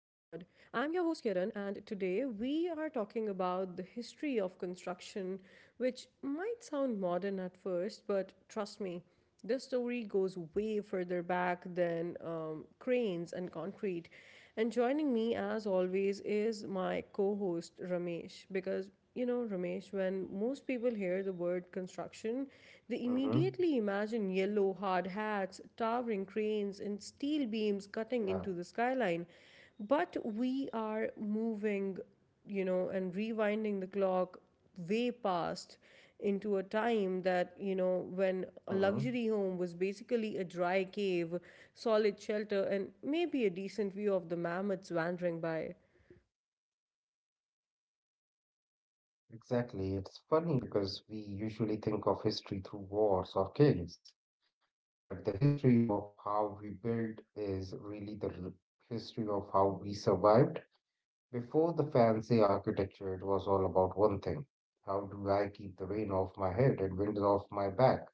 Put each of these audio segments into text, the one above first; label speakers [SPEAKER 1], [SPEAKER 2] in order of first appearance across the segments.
[SPEAKER 1] I'm your host Kiran, and today we are talking about the history of construction, which might sound modern at first, but trust me, this story goes way further back than cranes and concrete. And joining me, as always, is my co host, Ramesh. Because, you know, Ramesh, when most people hear the word construction, they immediately imagine
[SPEAKER 2] Mm-hmm.
[SPEAKER 1] yellow hard hats, towering cranes, and steel beams cutting into the skyline.
[SPEAKER 2] Yeah.
[SPEAKER 1] But we are moving, you know, and rewinding the clock way past into a time that you know when a luxury
[SPEAKER 2] Mm-hmm.
[SPEAKER 1] home was basically a dry cave, solid shelter and maybe a decent view of the mammoths wandering by.
[SPEAKER 2] Exactly. It's funny because we usually think of history through wars or kings, but the history of how we built is really history of how we survived. Before the fancy architecture, it was all about one thing. How do I keep the rain off my head and wind off my back?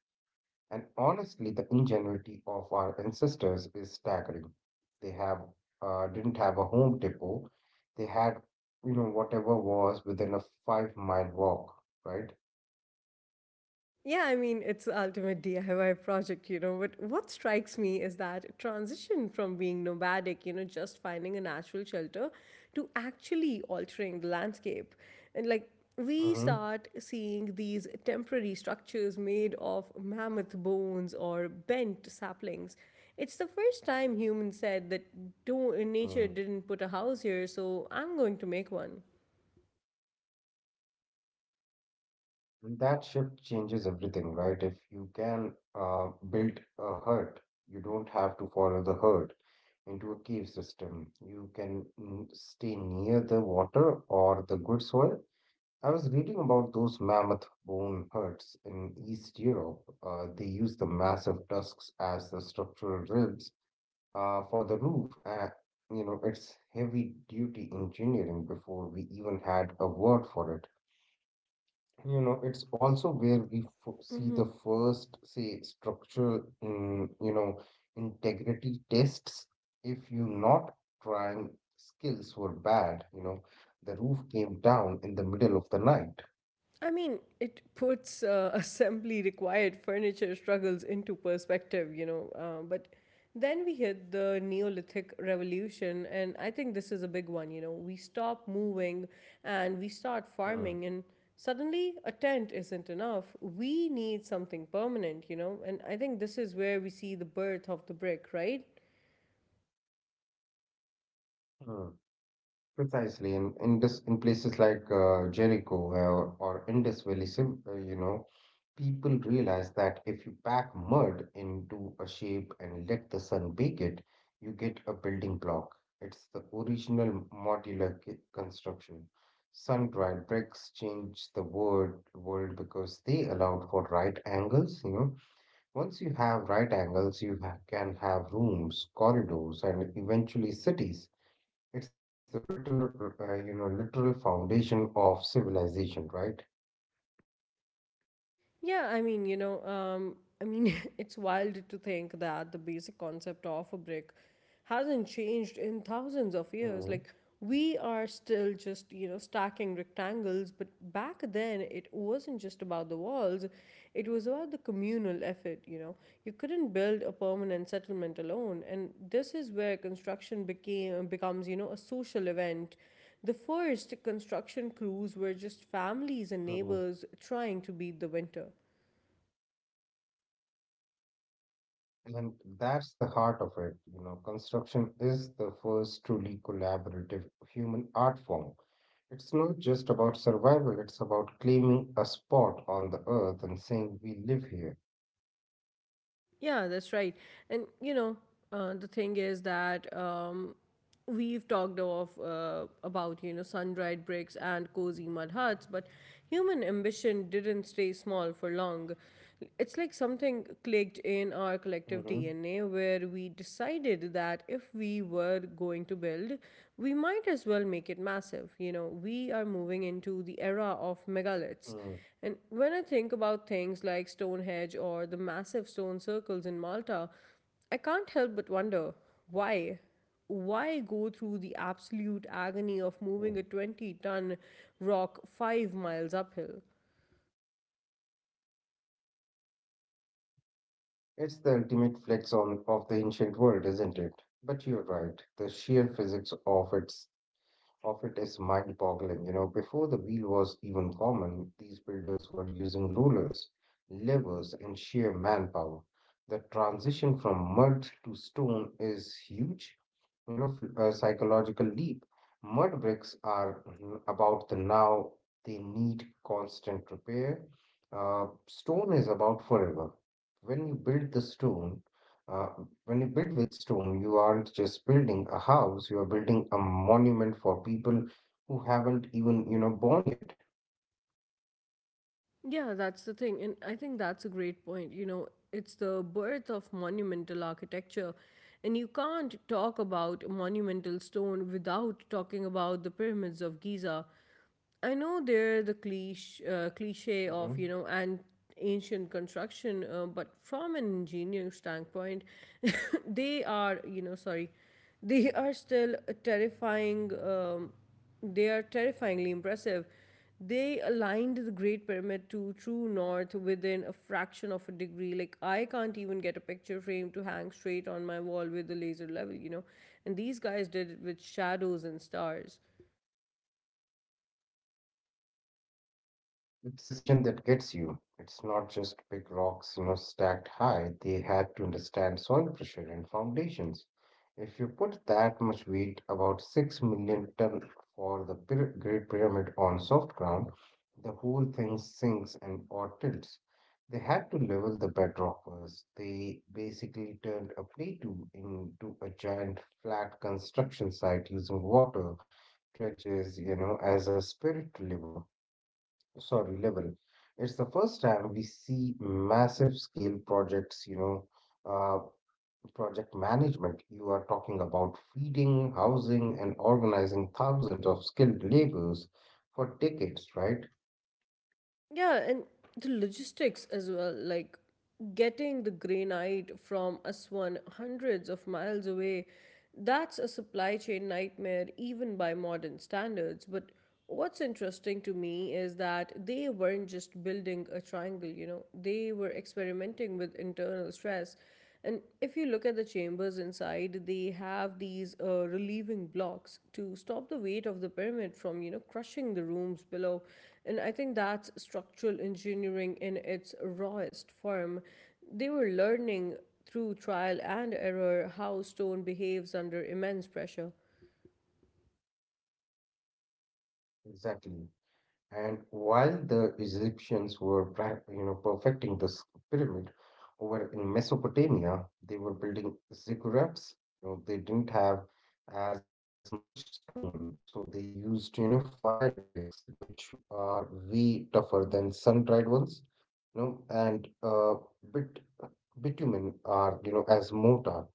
[SPEAKER 2] And honestly, the ingenuity of our ancestors is staggering. They have didn't have a home depot. They had, whatever was within a five-mile walk, right?
[SPEAKER 1] Yeah, I mean, it's the ultimate DIY project, you know. But what strikes me is that transition from being nomadic, you know, just finding a natural shelter, to actually altering the landscape. And like, we
[SPEAKER 2] hmm
[SPEAKER 1] start seeing these temporary structures made of mammoth bones or bent saplings. It's the first time humans said that do nature
[SPEAKER 2] Mm.
[SPEAKER 1] didn't put a house here, so I'm going to make
[SPEAKER 2] And that shift changes everything, right? If you can build a hut, you don't have to follow the herd into a cave system. You can stay near the water or the good soil. I was reading about those mammoth bone huts in East Europe. They use the massive tusks as the structural ribs for the roof. It's heavy duty engineering before we even had a word for it. You know, it's also where we f see the
[SPEAKER 1] one.
[SPEAKER 2] first, say, structural, integrity tests. If you're not trying skills were bad, you know, the roof came down in the middle of the night.
[SPEAKER 1] I mean, it puts assembly required furniture struggles into perspective, you know. But then we hit the Neolithic Revolution, and I think this is a big one, you know. We stop moving and we start farming,
[SPEAKER 2] Hmm.
[SPEAKER 1] and suddenly a tent isn't enough. We need something permanent, you know. And I think this is where we see the birth of the brick, right?
[SPEAKER 2] Hmm, Precisely, in places like Jericho, or Indus Valley, people realize that if you pack mud into a shape and let the sun bake it, you get a building block. It's the original construction. Sun-dried bricks changed the word world because they allowed for right angles. You know, once you have right angles, you ha can have rooms, corridors, and eventually cities. It's the literal, literal foundation of civilization, right?
[SPEAKER 1] Yeah, I mean, I mean, it's wild to think that the basic concept of a brick hasn't changed in thousands of years. Like,
[SPEAKER 2] Mm-hmm.
[SPEAKER 1] we are still just, you know, stacking rectangles, but back then it wasn't just about the walls, it was about the communal effort, you know. You couldn't build a permanent settlement alone, and this is where construction became becomes, you know, a social event. The first construction crews were just families and
[SPEAKER 2] Mm-hmm.
[SPEAKER 1] neighbors trying to beat the winter.
[SPEAKER 2] And that's the heart of it. You know, construction is the first truly collaborative human art form. It's not just about survival, it's about claiming a spot on the earth and saying we live here.
[SPEAKER 1] Yeah, that's right. And you know, the thing is that we've talked of about you know sun-dried bricks and cozy mud huts, but human ambition didn't stay small for long. It's like something clicked in our collective
[SPEAKER 2] Mm-hmm.
[SPEAKER 1] DNA where we decided that if we were going to build, we might as well make it massive. You know, we are moving into the era of megaliths,
[SPEAKER 2] hmm
[SPEAKER 1] and when I think about things like Stonehenge or the massive stone circles in Malta, I can't help but wonder why? Why go through the absolute agony of moving a 20-ton rock 5 miles uphill?
[SPEAKER 2] It's the ultimate flex on of the ancient world, isn't it? But you're right, the sheer physics of it is mind boggling. You know, before the wheel was even common, these builders were using rollers, levers, and sheer manpower. The transition from mud to stone is huge, you know, a psychological leap. Mud bricks are about the now, they need constant repair. Stone is about forever. When you build the stone, uh, when you build with stone, you aren't just building a house, you are building a monument for people who haven't even, you know, born yet.
[SPEAKER 1] Yeah, that's the thing. And I think that's a great point. You know, it's the birth of monumental architecture. And you can't talk about monumental stone without talking about the pyramids of Giza. I know they're the cliche
[SPEAKER 2] Mhm.
[SPEAKER 1] of, you know, and ancient construction, but from an engineering standpoint, they are, you know, sorry, they are still a terrifying. They are terrifyingly impressive. They aligned the Great Pyramid to true north within a fraction of a degree. Like, I can't even get a picture frame to hang straight on my wall with the laser level, you know. And these guys did it with shadows and stars.
[SPEAKER 2] It's the precision that gets you. It's not just big rocks, you know, stacked high. They had to understand soil pressure and foundations. If you put that much weight, about 6 million ton for the Great Pyramid on soft ground, the whole thing sinks and or tilts. They had to level the bedrock first. They basically turned a plateau into a giant flat construction site using water trenches, you know, as a level. It's the first time we see massive scale projects, uh, project management. You are talking about feeding, housing, and organizing thousands of skilled laborers for decades, right?
[SPEAKER 1] Yeah, and the logistics as well, like getting the granite from Aswan hundreds of miles away, that's a supply chain nightmare even by modern standards. But what's interesting to me is that they weren't just building a triangle, you know, they were experimenting with internal stress. And if you look at the chambers inside, they have these relieving blocks to stop the weight of the pyramid from, you know, crushing the rooms below. And I think that's structural engineering in its rawest form. They were learning through trial and error how stone behaves under immense pressure.
[SPEAKER 2] Exactly. And while the Egyptians were, perfecting this pyramid over in Mesopotamia, they were building ziggurats. You know, they didn't have as much stone, so they used, you know, fired bricks, which are way tougher than sun-dried ones. You know, and bit Bitumen are, you know, as mortar.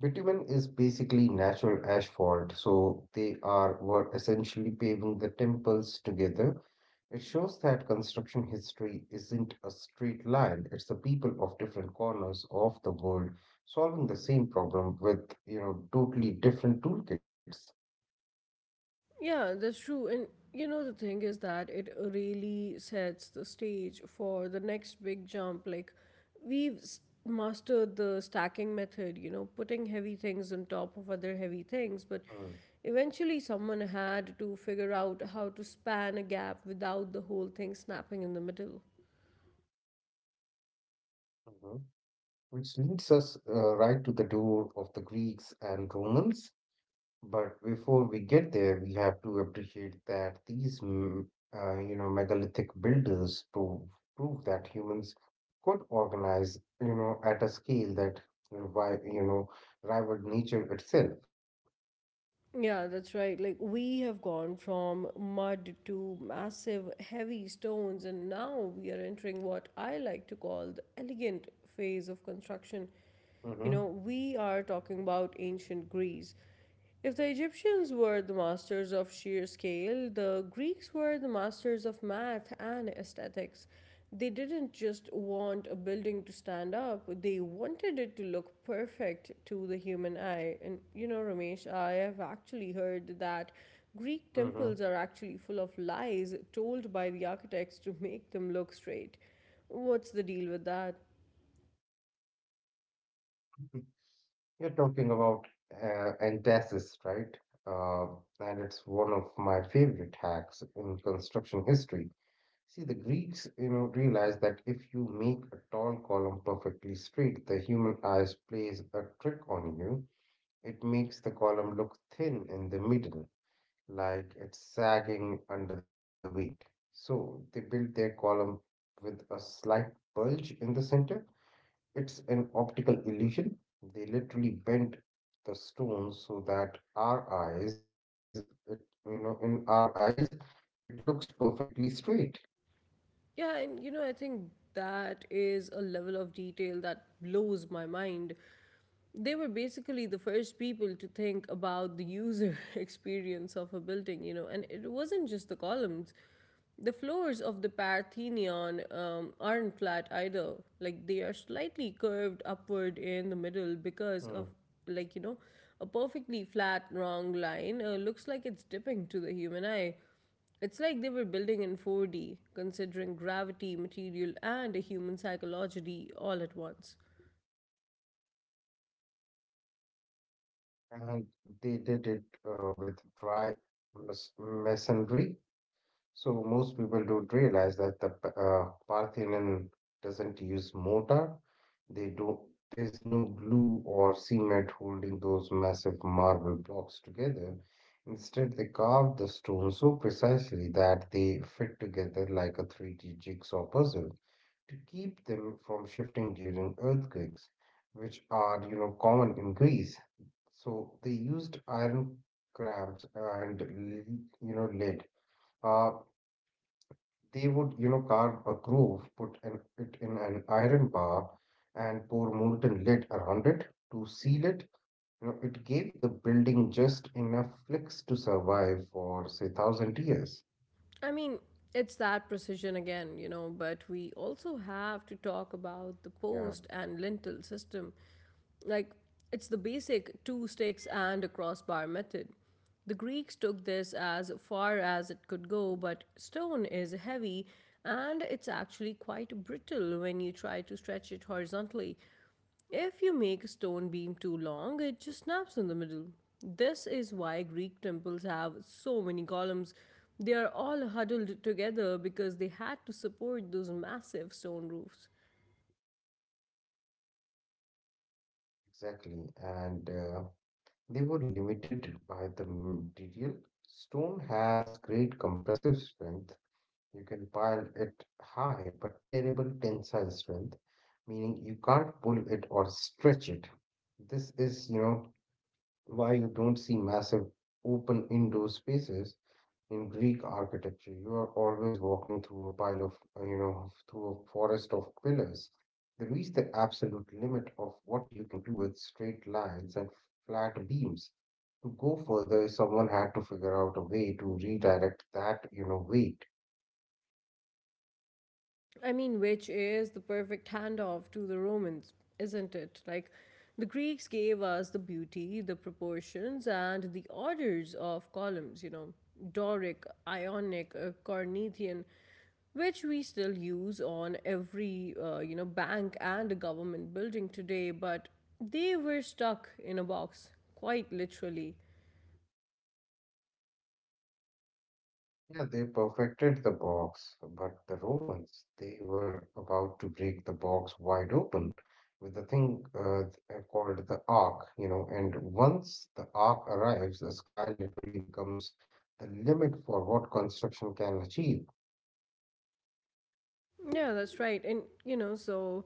[SPEAKER 2] Bitumen is basically natural asphalt, so they are were essentially paving the temples together. It shows that construction history isn't a straight line, it's the people of different corners of the world solving the same problem with, you know, totally different toolkits.
[SPEAKER 1] Yeah, that's true. And you know, the thing is that it really sets the stage for the next big jump. Like, mastered the stacking method, you know, putting heavy things on top of other heavy things. But
[SPEAKER 2] Mm,
[SPEAKER 1] eventually, someone had to figure out how to span a gap without the whole thing snapping in the middle.
[SPEAKER 2] mhm. Which leads us right to the door of the Greeks and Romans. But before we get there, we have to appreciate that these, megalithic builders prove that humans could organize, you know, at a scale that revi- you know, rivaled nature itself.
[SPEAKER 1] Yeah, that's right. Like, we have gone from mud to massive, heavy stones, and now we are entering what I like to call the elegant phase of construction. You
[SPEAKER 2] Hmm
[SPEAKER 1] know, we are talking about ancient Greece. If the Egyptians were the masters of sheer scale, the Greeks were the masters of math and aesthetics. They didn't just want a building to stand up, they wanted it to look perfect to the human eye. And you know, Ramesh, I have actually heard that Greek
[SPEAKER 2] hmm
[SPEAKER 1] temples are actually full of lies told by the architects to make them look straight. What's the deal with that?
[SPEAKER 2] You're talking about entasis, right? Uh, and it's one of my favorite hacks in construction history. See, the Greeks, you know, realized that if you make a tall column perfectly straight, the human eyes plays a trick on you. It makes the column look thin in the middle, like it's sagging under the weight. So they built their column with a slight bulge in the center. It's an optical illusion. They literally bent the stone so that our eyes, it, you know, in our eyes, it looks perfectly straight.
[SPEAKER 1] Yeah, and you know, I think that is a level of detail that blows my mind. They were basically the first people to think about the user experience of a building, you know, and it wasn't just the columns. The floors of the Parthenon aren't flat either. Like, they are slightly curved upward in the middle
[SPEAKER 2] Hmm.
[SPEAKER 1] because of, like, you know, a perfectly flat, wrong line looks like it's dipping to the human eye. It's like they were building in 4D, considering gravity, material, and a human psychology all at once.
[SPEAKER 2] And they did it with dry masonry. So most people don't realize that the Parthenon doesn't use mortar. They don't. There's no glue or cement holding those massive marble blocks together. Instead, they carved the stone so precisely that they fit together like a 3D jigsaw puzzle to keep them from shifting during earthquakes, which are, you know, common in Greece. So they used iron crabs and lead. Uh, they would, you know, carve a groove, it in an iron bar, and pour molten lead around it to seal it. You know, it gave the building just enough flicks to survive for say thousand years.
[SPEAKER 1] I mean, it's that precision again, you know, but we also have to talk about the
[SPEAKER 2] Yeah,
[SPEAKER 1] post and lintel system. Like, it's the basic two sticks and a crossbar method. The Greeks took this as far as it could go,
[SPEAKER 2] mm,
[SPEAKER 1] but stone is heavy and it's actually quite brittle when you try to stretch it horizontally. If you make a stone beam too long, it just snaps in the middle. This is why Greek temples have so many columns. They are all huddled together because they had to support those massive stone roofs.
[SPEAKER 2] exactly. And they were limited by the material. Stone has great compressive strength. You can pile it high but terrible tensile strength, meaning you can't pull it or stretch it. This is, you know, why you don't see massive open indoor spaces in Greek architecture. You are always walking through a pile of, through a forest of pillars. They reach the absolute limit of what you can do with straight lines and flat beams. To go further, someone had to figure out a way to redirect that, you know, weight.
[SPEAKER 1] I mean, which is the perfect handoff to the Romans, isn't it? Like, the Greeks gave us the beauty, the proportions, and the orders of columns, you know, Doric, Ionic, Corinthian, which we still use on every, you know, bank and government building today, but they were stuck in a box, quite literally.
[SPEAKER 2] Yeah, they perfected the box, but the Romans, they were about to break the box wide open with the thing called the arc, you know. And once the arc arrives, the sky literally becomes the limit for what construction can achieve.
[SPEAKER 1] Yeah, that's right. And, you know, so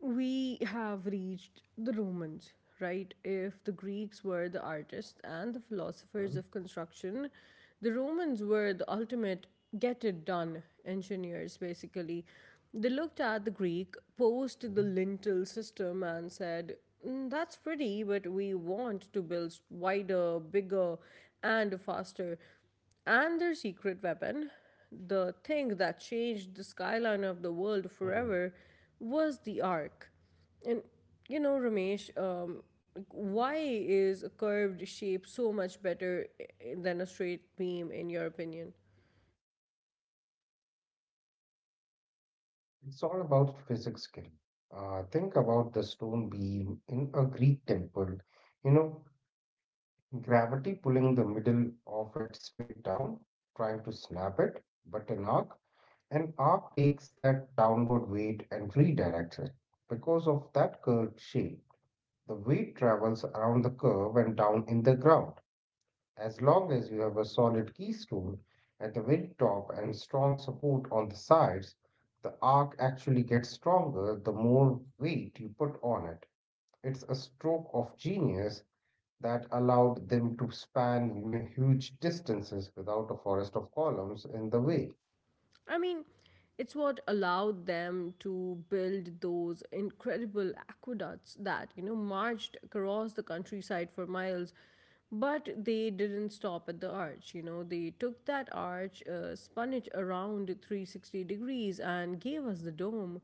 [SPEAKER 1] we have reached the Romans, right? If the Greeks were the artists and the
[SPEAKER 2] Mhm,
[SPEAKER 1] philosophers of construction, the Romans were the ultimate get it done engineers, basically. They looked at the Greek, posed the
[SPEAKER 2] mhm.
[SPEAKER 1] lintel system, and said, "Mm, that's pretty, but we want to build wider, bigger, and faster," and their secret weapon, the thing that changed the skyline of the world
[SPEAKER 2] Mm.
[SPEAKER 1] forever, was the Ark. And you know, Ramesh, like, why is a curved shape so much better than a straight beam, in your opinion?
[SPEAKER 2] It's all about physics skill. Think about the stone beam in a Greek temple. You know, gravity pulling the middle of it straight down, trying to snap it, but an arc takes that downward weight and redirects it. Because of that curved shape, the weight travels around the curve and down in the ground. As long as you have a solid keystone at the very top and strong support on the sides, the arc actually gets stronger the more weight you put on it. It's a stroke of genius that allowed them to span, you know, huge distances without a forest of columns in the way.
[SPEAKER 1] I mean, it's what allowed them to build those incredible aqueducts that, you know, marched across the countryside for miles. But they didn't stop at the arch, you know, they took that arch, spun it around 360 degrees, and gave us the dome.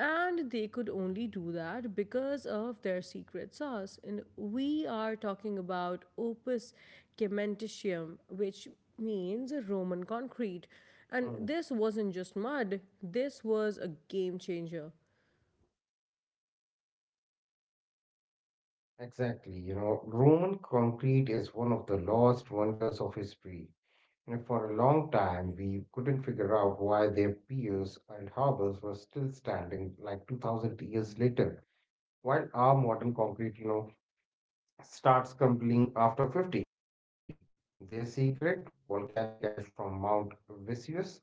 [SPEAKER 1] And they could only do that because of their secret sauce. And we are talking about opus cementitium, which means Roman concrete. And
[SPEAKER 2] Mm.
[SPEAKER 1] this wasn't just mud, this was a game changer.
[SPEAKER 2] Exactly. You know, Roman concrete is one of the lost wonders of history. You know, for a long time, we couldn't figure out why their piers and harbors were still standing like 2000 years later, while our modern concrete, you know, starts crumbling after 50. Their secret, volcanic ash from Mount Vesuvius.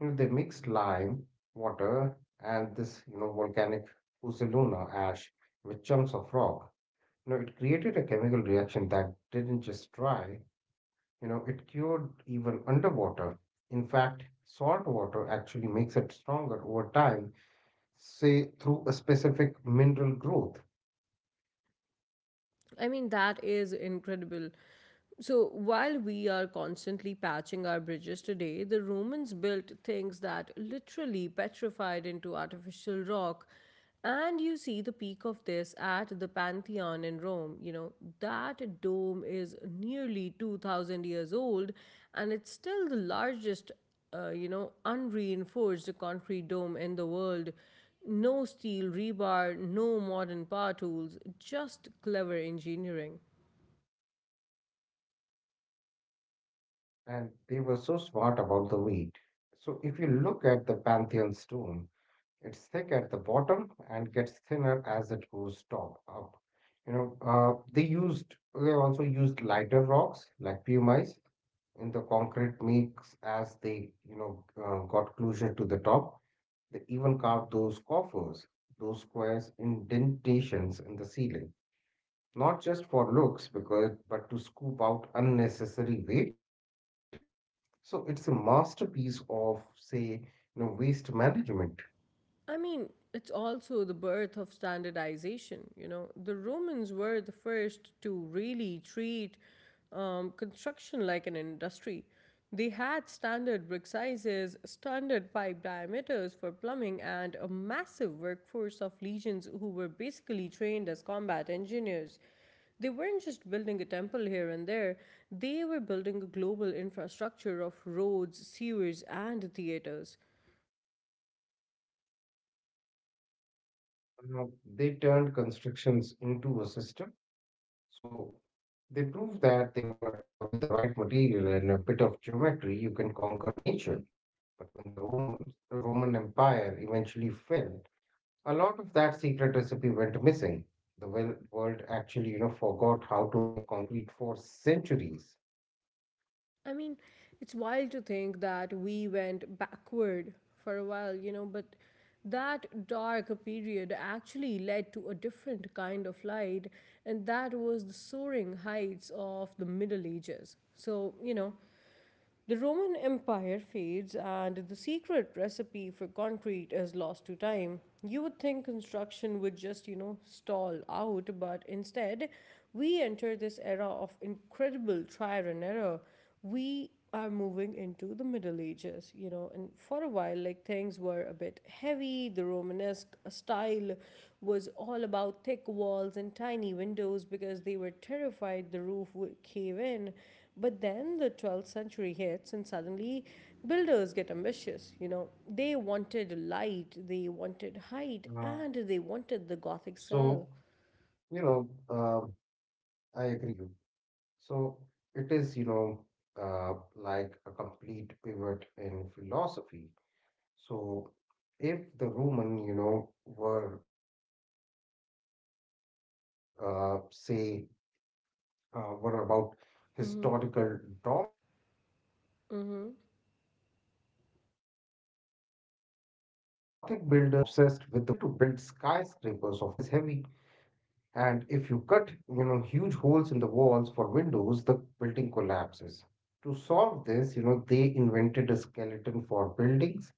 [SPEAKER 2] You know, they mixed lime water and this, you know, volcanic Uzzoluna ash with chunks of rock. You know, it created a chemical reaction that didn't just dry, you know, it cured even underwater. In fact, salt water actually makes it stronger over time, say through a specific mineral growth.
[SPEAKER 1] I mean, that is incredible. So, while we are constantly patching our bridges today, the Romans built things that literally petrified into artificial rock. And you see the peak of this at the Pantheon in Rome. You know, that dome is nearly 2000 years old and it's still the largest, you know, unreinforced concrete dome in the world. No steel rebar, no modern power tools, just clever engineering.
[SPEAKER 2] And they were so smart about the weight. So if you look at the Pantheon stone, it's thick at the bottom and gets thinner as it goes top up. You know, they also used lighter rocks like pumice in the concrete mix as they, got closer to the top. They even carved those coffers, those squares indentations in the ceiling, not just for looks, because but to scoop out unnecessary weight. So it's a masterpiece of say, you know, waste management.
[SPEAKER 1] I mean, it's also the birth of standardization. You know, the Romans were the first to really treat construction like an industry. They had standard brick sizes, standard pipe diameters for plumbing, and a massive workforce of legions who were basically trained as combat engineers. They weren't just building a temple here and there, they were building a global infrastructure of roads, sewers, and theaters.
[SPEAKER 2] Uh, they turned constructions into a system. So they proved that they were with the right material and a bit of geometry, you can conquer nature. But when the Roman Empire eventually fell, a lot of that secret recipe went missing. The world actually, you know, forgot how to make concrete for centuries.
[SPEAKER 1] I mean, it's wild to think that we went backward for a while, you know, but that dark period actually led to a different kind of light, and that was the soaring heights of the Middle Ages. So, you know, the Roman Empire fades and the secret recipe for concrete is lost to time. You would think construction would just, you know, stall out, but instead, we enter this era of incredible trial and error. We are moving into the Middle Ages, you know, and for a while, like things were a bit heavy. The Romanesque style was all about thick walls and tiny windows because they were terrified the roof would cave in. But then the 12th century hits, and suddenly builders get ambitious. You know, they wanted
[SPEAKER 2] Uh,
[SPEAKER 1] light, they wanted
[SPEAKER 2] yeah.
[SPEAKER 1] height, and they wanted the Gothic style.
[SPEAKER 2] So, you know, uh, I agree with you. So it is, you know, like a complete pivot in philosophy. So if the Roman, you know, were, were about historical dominance, roads and
[SPEAKER 1] hmm
[SPEAKER 2] bridges, you know, the Gothic builders were
[SPEAKER 1] hmm
[SPEAKER 2] obsessed with the vertical. So they wanted to build skyscrapers of glass, but stone is heavy and if you cut, you know, huge holes in the walls for windows, the building collapses. To solve this, you know, they invented a skeleton for buildings.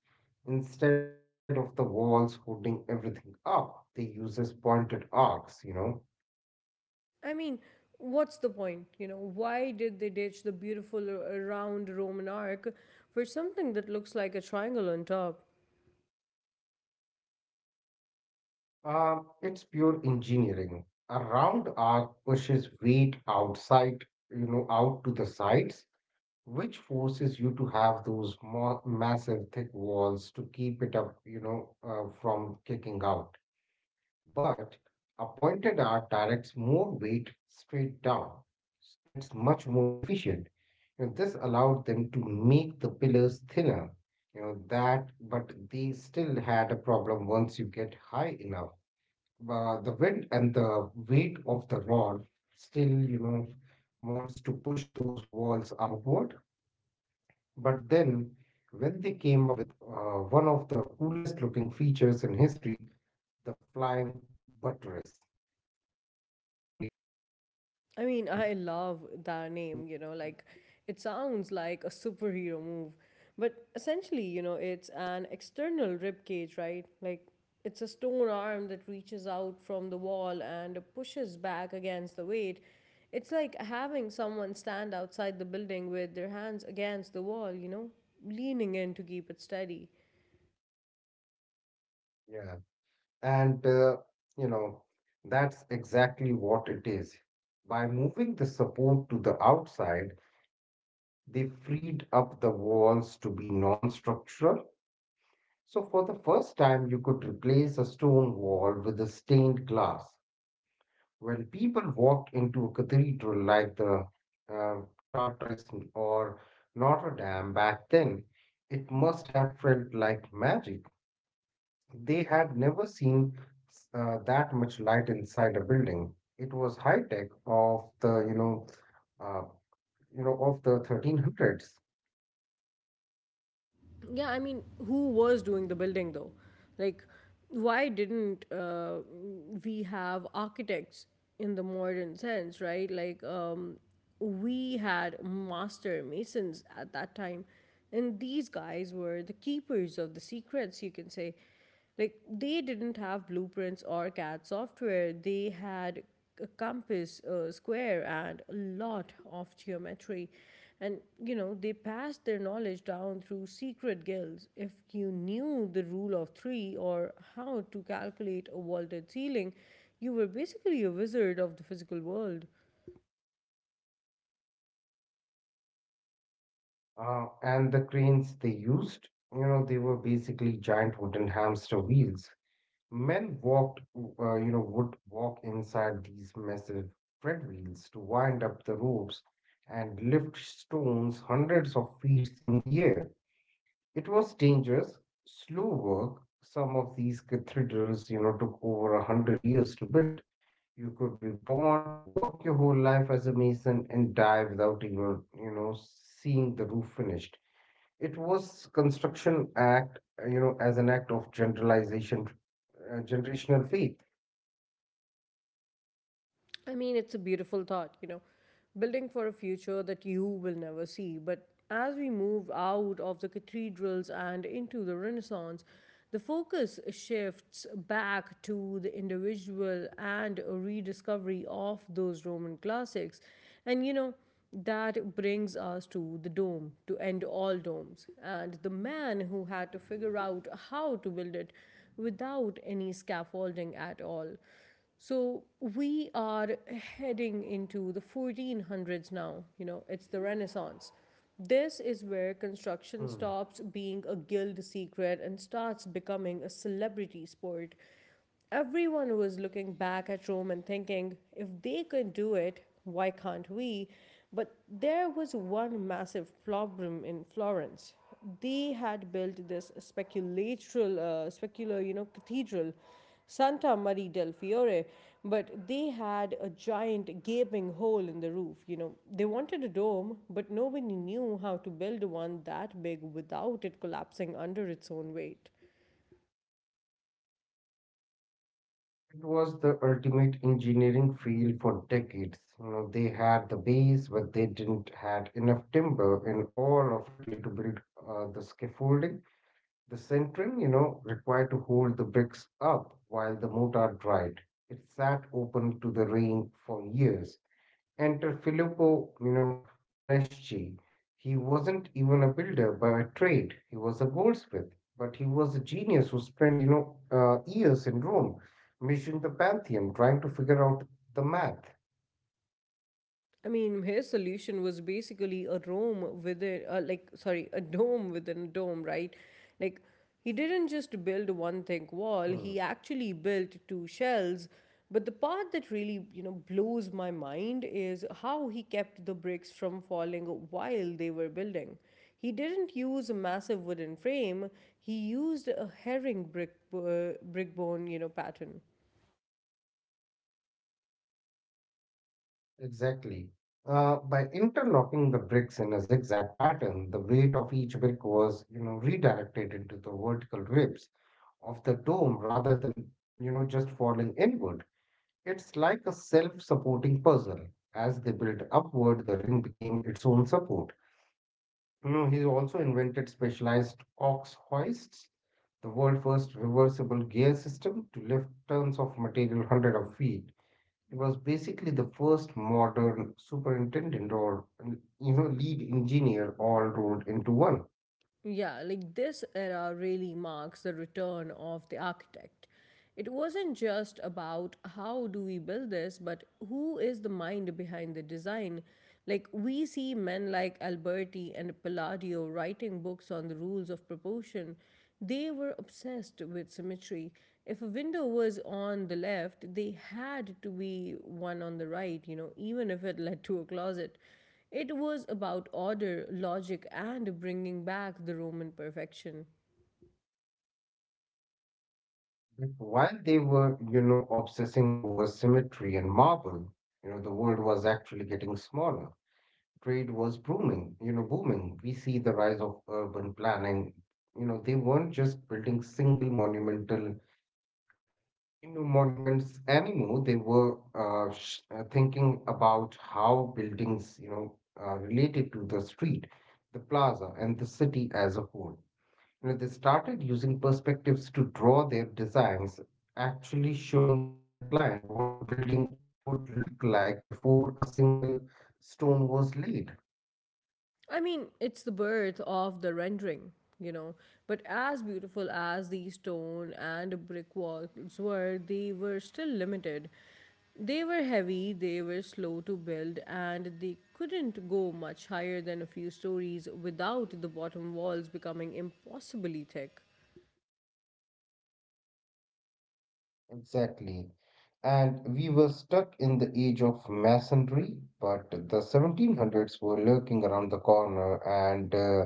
[SPEAKER 2] Instead of the walls holding everything up, they uses pointed arcs, you know.
[SPEAKER 1] I mean, what's the point? You know, why did they ditch the beautiful round Roman arc for something that looks like a triangle on top?
[SPEAKER 2] It's pure engineering. A round arc pushes weight outside, out to the sides, which forces you to have those mo massive thick walls to keep it up, from kicking out. But a pointed art directs more weight straight down. It's much more efficient. This allowed them to make the pillars thinner. You know that, but they still had a problem once you get high enough. The wind and the weight of the rod still, wants to push those walls outward. But then, when they came up with one of the coolest looking features in history, the flying buttress.
[SPEAKER 1] I mean, I love that name, you know, like it sounds like a superhero move, but essentially, you know, it's an external rib cage, right? Like it's a stone arm that reaches out from the wall and pushes back against the weight. It's like having someone stand outside the building with their hands against the wall, you know, leaning in to keep it steady.
[SPEAKER 2] Yeah, and you know, that's exactly what it is. By moving the support to the outside, they freed up the walls to be non-structural. So for the first time, you could replace a stone wall with a stained glass. When people walked into a cathedral like the uh, Chartres or Notre Dame back then, it must have felt like magic. They had never seen that much light inside a building. It was high tech of the, uh, you know, of the 1300s.
[SPEAKER 1] Yeah, I mean, who was doing the building though? Like, why didn't we have architects in the modern sense, right? Like, we had master masons at that time, and these guys were the keepers of the secrets, you can say. Like they didn't have blueprints or CAD software, they had a compass, a square, and a lot of geometry. And you know, they passed their knowledge down through secret guilds. If you knew the rule of three or how to calculate a vaulted ceiling, you were basically a wizard of the physical world.
[SPEAKER 2] And the cranes they used, they were basically giant wooden hamster wheels. Men would walk inside these massive tread wheels to wind up the ropes and lift stones hundreds of feet in the air. It was dangerous, slow work. Some of these cathedrals, took over 100 years to build. You could be born, work your whole life as a mason, and die without even, seeing the roof finished. It was construction act, you know, as an act of generational faith.
[SPEAKER 1] I mean, it's a beautiful thought, you know, building for a future that you will never see. But as we move out of the cathedrals and into the Renaissance, the focus shifts back to the individual and a rediscovery of those Roman classics. And, you know, that brings us to the dome, to end all domes, and the man who had to figure out how to build it without any scaffolding at all. So we are heading into the 1400s now, you know, it's the Renaissance. This is where construction stops being a guild secret and starts becoming a celebrity sport. Everyone was looking back at Rome and thinking, if they can do it, why can't we? But there was one massive problem in Florence. They had built this specular, you know, cathedral Santa Maria del Fiore, but they had a giant gaping hole in the roof. You know, they wanted a dome, but nobody knew how to build one that big without it collapsing under its own weight.
[SPEAKER 2] It was the ultimate engineering field for decades. They had the base, but they didn't had enough timber in all of Italy to build the scaffolding, the centering, required to hold the bricks up while the mortar dried. It sat open to the rain for years. Enter Filippo, Brunelleschi. He wasn't even a builder by trade. He was a goldsmith, but he was a genius who spent, years in Rome, measuring the Pantheon, trying to figure out the math.
[SPEAKER 1] I mean, his solution was basically a dome within a dome, right? Like, he didn't just build one thick wall,
[SPEAKER 2] Hmm,
[SPEAKER 1] he actually built two shells. But the part that really, you know, blows my mind is how he kept the bricks from falling while they were building. He didn't use a massive wooden frame, he used a brick bone, you know, pattern.
[SPEAKER 2] exactly. By interlocking the bricks in a zigzag pattern, the weight of each brick was, redirected into the vertical ribs of the dome rather than, just falling inward. It's like a self supporting puzzle. As they built upward, the ring became its own support. He also invented specialized ox hoists, the world's first reversible gear system to lift tons of material hundred of feet. He was basically the first modern superintendent or lead engineer all rolled into one.
[SPEAKER 1] Yeah, like this era really marks the return of the architect. It wasn't just about how do we build this, but who is the mind behind the design. Like we see men like Alberti and Palladio writing books on the rules of proportion. They were obsessed with symmetry. If a window was on the left, they had to be one on the right, you know, even if it led to a closet. It was about order, logic, and bringing back the Roman perfection.
[SPEAKER 2] But while they were, obsessing over symmetry and marble, the world was actually getting smaller. Trade was booming, booming. We see the rise of urban planning. They weren't just building single monuments anymore. They were thinking about how buildings, related to the street, the plaza, and the city as a whole. They started using perspectives to draw their designs, actually showing the client what the building would look like before a single stone was laid.
[SPEAKER 1] I mean, it's the birth of the rendering, you know. But as beautiful as the stone and brick walls were, they were still limited. They were heavy, they were slow to build, and they couldn't go much higher than a few stories without the bottom walls becoming impossibly thick.
[SPEAKER 2] Exactly. And we were stuck in the age of masonry, but the 1700s were lurking around the corner, and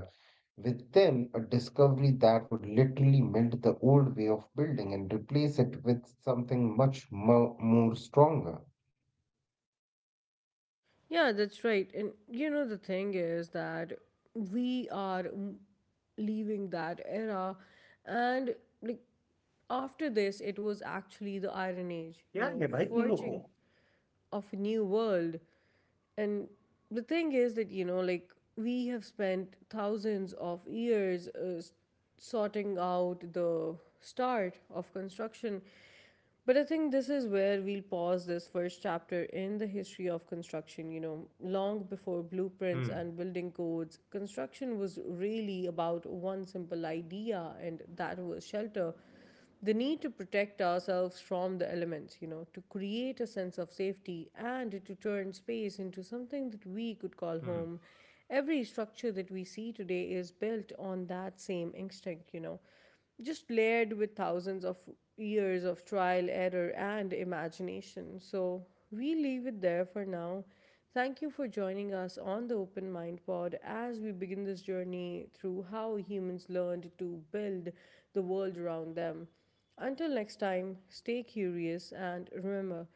[SPEAKER 2] with them, a discovery that would literally melt the old way of building and replace it with something much more stronger.
[SPEAKER 1] Yeah, that's right. And you know, the thing is that we are leaving that era, and like after this, it was actually the Iron Age, you
[SPEAKER 2] यार
[SPEAKER 1] know,
[SPEAKER 2] लोगों
[SPEAKER 1] forging of a new world. And the
[SPEAKER 2] समझ
[SPEAKER 1] thing
[SPEAKER 2] में
[SPEAKER 1] is
[SPEAKER 2] क्यों नहीं
[SPEAKER 1] that, you
[SPEAKER 2] आता
[SPEAKER 1] know, like we have spent thousands of years sorting out the start of construction. But I think this is where we'll pause this first chapter in the history of construction. You know, long before blueprints
[SPEAKER 2] hmm
[SPEAKER 1] and building codes, construction was really about one simple idea, and that was shelter, the need to protect ourselves from the elements, you know, to create a sense of safety and to turn space into something that we could call home.
[SPEAKER 2] Hmm
[SPEAKER 1] Every structure that we see today is built on that same instinct, you know, just layered with thousands of years of trial, error, and imagination. So we leave it there for now. Thank you for joining us on the Open Mind Pod as we begin this journey through how humans learned to build the world around them. Until next time, stay curious and remember,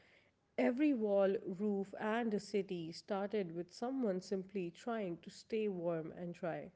[SPEAKER 1] every wall, roof, and a city started with someone simply trying to stay warm and dry.